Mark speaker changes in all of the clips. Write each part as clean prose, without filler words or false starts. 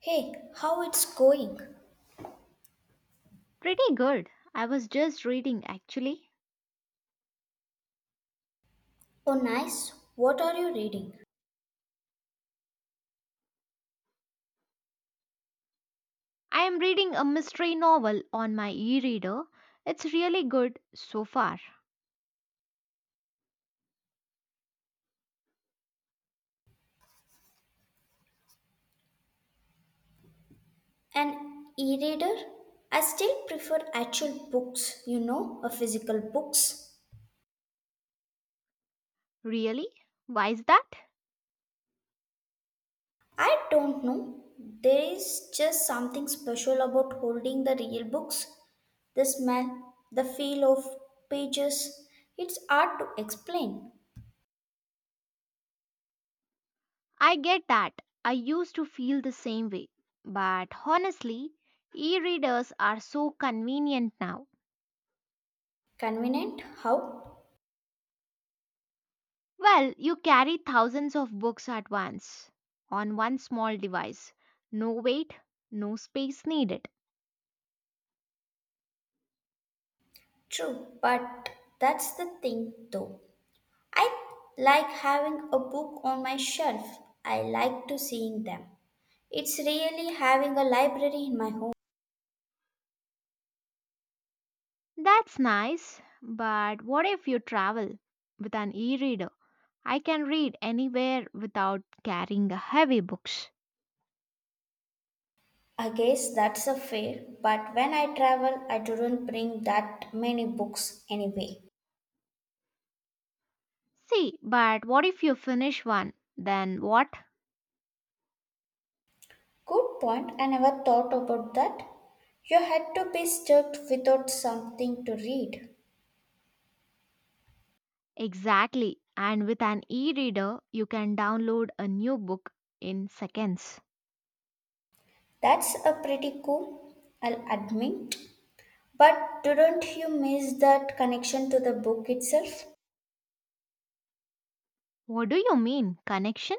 Speaker 1: Hey, how it's going?
Speaker 2: Pretty good. I was just reading actually.
Speaker 1: Oh, nice. What are you reading?
Speaker 2: I am reading a mystery novel on my e reader. It's really good so far.
Speaker 1: An e-reader? I still prefer actual books, you know, a physical books.
Speaker 2: Really? Why is that?
Speaker 1: I don't know. There is just something special about holding the real books. The smell, the feel of pages. It's hard to explain.
Speaker 2: I get that. I used to feel the same way. But honestly, e readers are so convenient now.
Speaker 1: Convenient? How?
Speaker 2: Well, you carry thousands of books at once on one small device. No weight, no space needed.
Speaker 1: True, but that's the thing though. I like having a book on my shelf. I like to seeing them. It's really having a library in my home.
Speaker 2: That's nice, but what if you travel with an e reader? I can read anywhere without carrying heavy books.
Speaker 1: I guess that's a fair, but when I travel, I don't bring that many books anyway.
Speaker 2: See, but what if you finish one? Then what?
Speaker 1: Good point. I never thought about that. You had to be stuck without something to read.
Speaker 2: Exactly. And with an e reader, you can download a new book in seconds.
Speaker 1: That's a pretty cool, I'll admit. But don't you miss that connection to the book itself?
Speaker 2: What do you mean? Connection?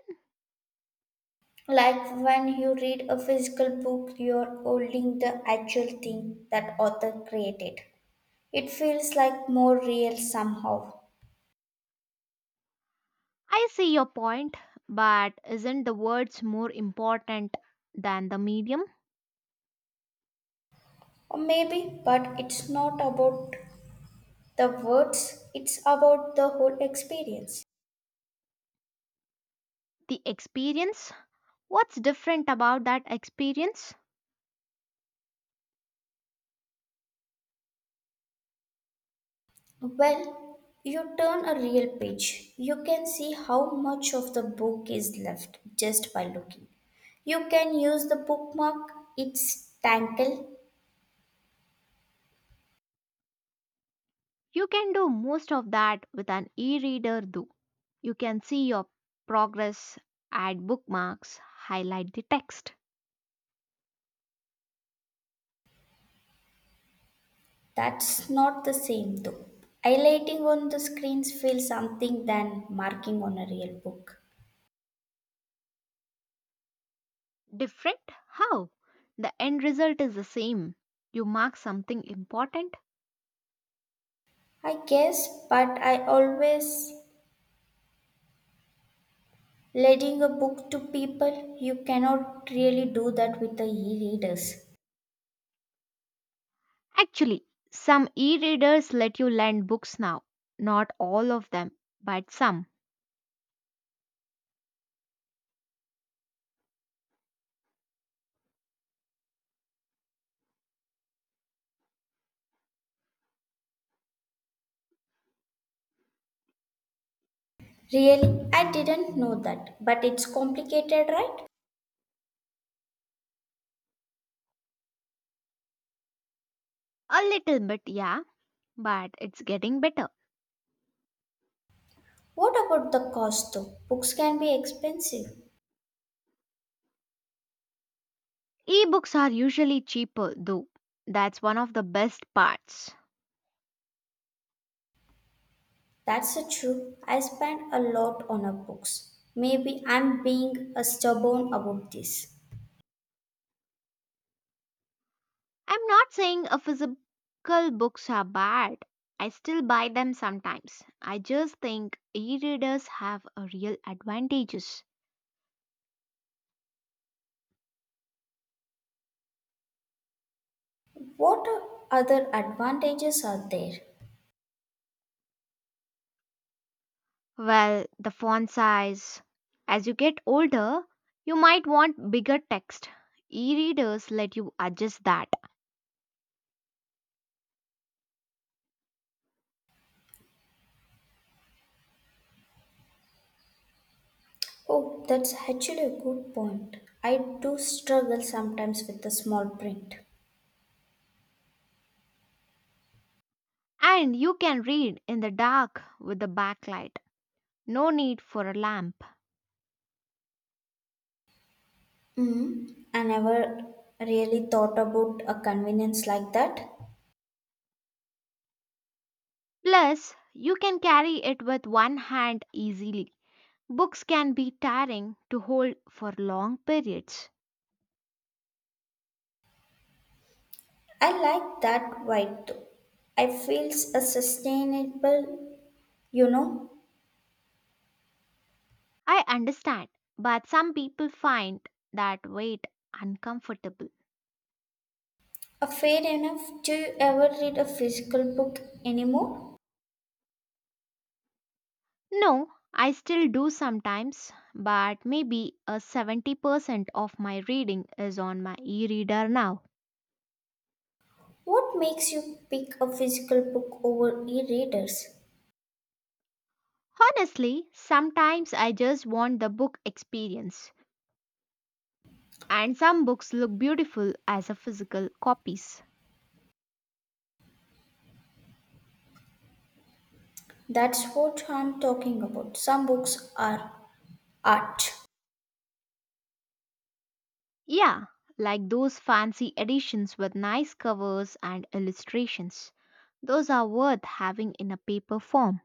Speaker 1: Like when you read a physical book, you're holding the actual thing that author created. It feels like more real somehow.
Speaker 2: I see your point, but isn't the words more important than the medium?
Speaker 1: Or maybe, but it's not about the words, it's about the whole experience.
Speaker 2: The experience? What's different about that experience?
Speaker 1: Well, you turn a real page, you can see how much of the book is left just by looking. You can use the bookmark, its tangle.
Speaker 2: You can do most of that with an e reader, though. You can see your progress, add bookmarks, highlight the text.
Speaker 1: That's not the same though. Highlighting on the screens feels something than marking on a real book.
Speaker 2: Different? How? The end result is the same. You mark something important.
Speaker 1: I guess, but I always lending a book to people, you cannot really do that with the e-readers.
Speaker 2: Actually, some e readers let you lend books now. Not all of them, but some.
Speaker 1: Really, I didn't know that, but it's complicated, right?
Speaker 2: A little bit, yeah, but it's getting better.
Speaker 1: What about the cost though? Books can be expensive.
Speaker 2: E books are usually cheaper, though. That's one of the best parts.
Speaker 1: That's a true. I spend a lot on a books. Maybe I'm being a stubborn about this.
Speaker 2: I'm not saying a physical books are bad. I still buy them sometimes. I just think e-readers have a real advantages.
Speaker 1: What other advantages are there?
Speaker 2: Well, the font size. As you get older, you might want bigger text. E-readers let you adjust that.
Speaker 1: Oh, that's actually a good point. I do struggle sometimes with the small print.
Speaker 2: And you can read in the dark with the backlight. No need for a lamp.
Speaker 1: Hmm. I never really thought about a convenience like that.
Speaker 2: Plus, you can carry it with one hand easily. Books can be tiring to hold for long periods.
Speaker 1: I like that white though. I feels a sustainable, you know,
Speaker 2: I understand, but some people find that weight uncomfortable.
Speaker 1: a fair enough. Do you ever read a physical book anymore?
Speaker 2: No, I still do sometimes, but maybe a 70% of my reading is on my e reader now.
Speaker 1: What makes you pick a physical book over e-readers?
Speaker 2: Honestly, sometimes I just want the book experience, and some books look beautiful as a physical copies.
Speaker 1: That's what I'm talking about. Some books are art.
Speaker 2: Yeah, like those fancy editions with nice covers and illustrations. Those are worth having in a paper form.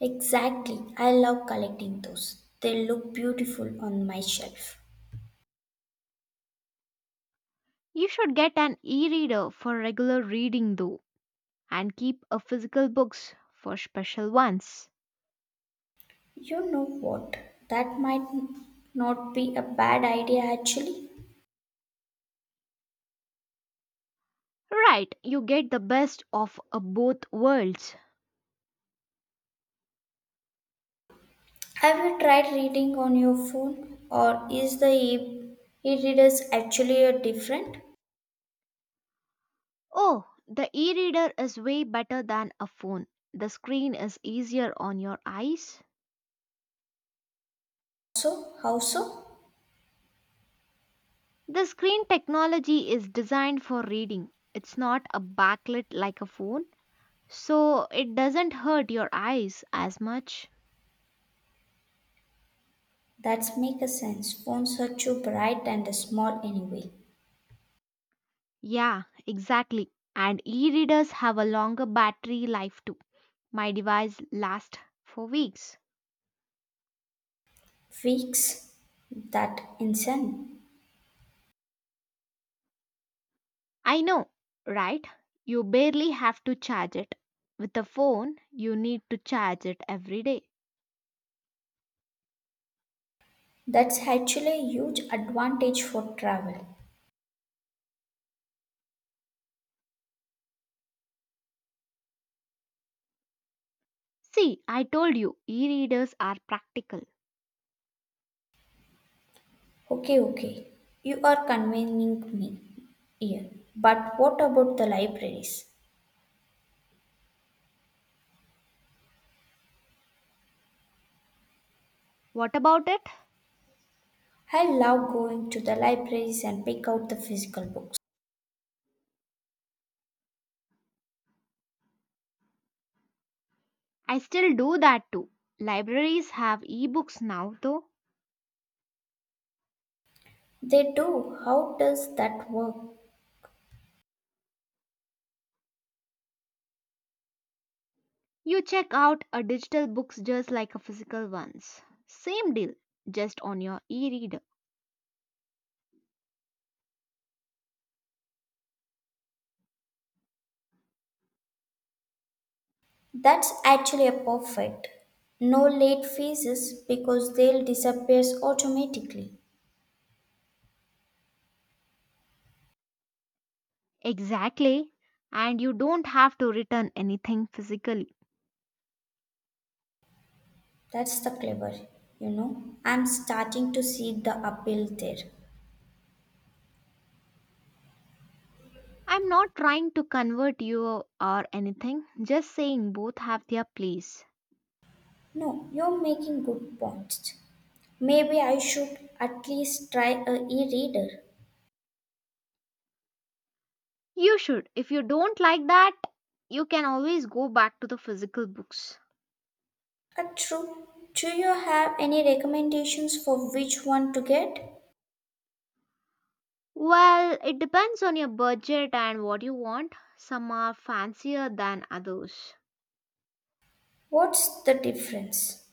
Speaker 1: Exactly. I love collecting those. They look beautiful on my shelf.
Speaker 2: You should get an e-reader for regular reading though and keep a physical books for special ones.
Speaker 1: You know what? That might not be a bad idea actually.
Speaker 2: Right, you get the best of both worlds.
Speaker 1: Have you tried reading on your phone or is the e readers actually a different?
Speaker 2: Oh, the e-reader is way better than a phone. The screen is easier on your eyes.
Speaker 1: So, how so?
Speaker 2: The screen technology is designed for reading. It's not a backlit like a phone, so it doesn't hurt your eyes as much.
Speaker 1: That's make a sense. Phones are too bright and small anyway.
Speaker 2: Yeah, exactly. And e readers have a longer battery life too. My device lasts for weeks.
Speaker 1: Weeks that insane.
Speaker 2: I know, right? You barely have to charge it. With a phone, you need to charge it every day.
Speaker 1: That's actually a huge advantage for travel.
Speaker 2: See, I told you, e readers are practical.
Speaker 1: Okay, okay. You are convening me here. But what about the libraries?
Speaker 2: What about it?
Speaker 1: I love going to the libraries and pick out the physical books.
Speaker 2: I still do that too. Libraries have ebooks now though.
Speaker 1: They do. How does that work?
Speaker 2: You check out a digital books just like a physical ones. Same deal, just on your e-reader.
Speaker 1: That's actually a perfect. No late fees because they'll disappear automatically.
Speaker 2: Exactly. And you don't have to return anything physically.
Speaker 1: That's the clever, you know. I'm starting to see the appeal there.
Speaker 2: I'm not trying to convert you or anything, just saying both have their place.
Speaker 1: No, you're making good points. Maybe I should at least try a e-reader.
Speaker 2: You should. If you don't like that, you can always go back to the physical books.
Speaker 1: True. Do you have any recommendations for which one to get?
Speaker 2: Well, it depends on your budget and what you want. Some are fancier than others,
Speaker 1: What's the difference?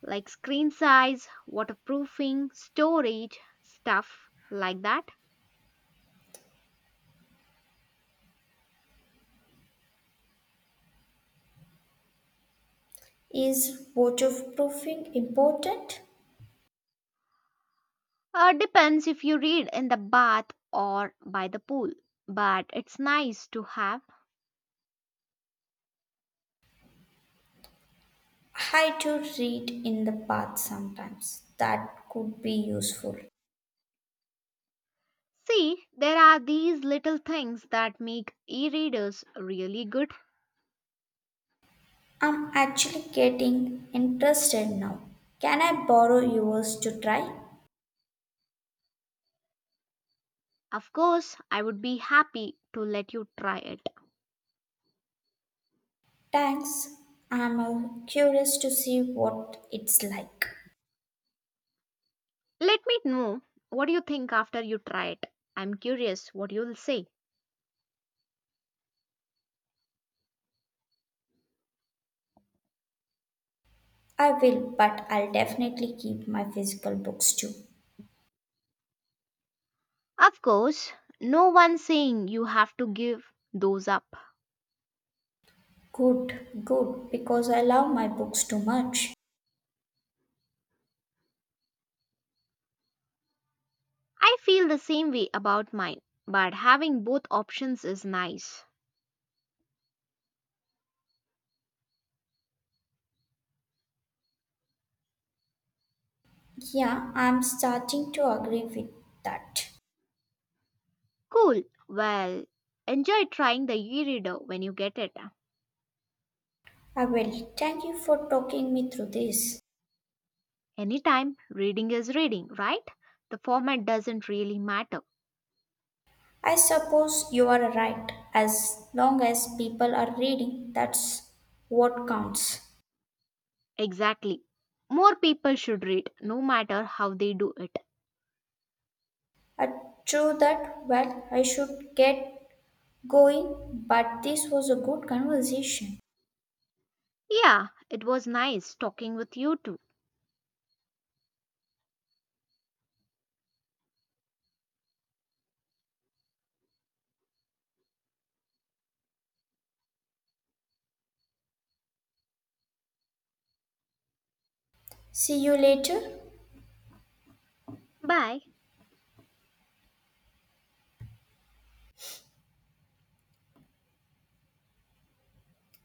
Speaker 2: like screen size, waterproofing, storage, stuff like that.
Speaker 1: Is waterproofing important?
Speaker 2: Depends if you read in the bath or by the pool, but it's nice to have.
Speaker 1: I do read in the bath sometimes. That could be useful.
Speaker 2: See, there are these little things that make e readers really good.
Speaker 1: I'm actually getting interested now. Can I borrow yours to try?
Speaker 2: Of course, I would be happy to let you try it.
Speaker 1: Thanks. I'm curious to see what it's like.
Speaker 2: Let me know what you think after you try it. I'm curious what you'll say.
Speaker 1: I will, but I'll definitely keep my physical books too.
Speaker 2: Of course, no one saying you have to give those up.
Speaker 1: Good, good, because I love my books too much.
Speaker 2: I feel the same way about mine, but having both options is nice.
Speaker 1: Yeah, I'm starting to agree with that.
Speaker 2: Cool. Well, enjoy trying the e-reader when you get it.
Speaker 1: I will. Thank you for talking me through this.
Speaker 2: Anytime, reading is reading, right? The format doesn't really matter.
Speaker 1: I suppose you are right. As long as people are reading, that's what counts.
Speaker 2: Exactly. More people should read, no matter how they do it.
Speaker 1: Uh, True that. Well, I should get going, but this was a good conversation.
Speaker 2: Yeah, it was nice talking with you too.
Speaker 1: See you later.
Speaker 2: Bye.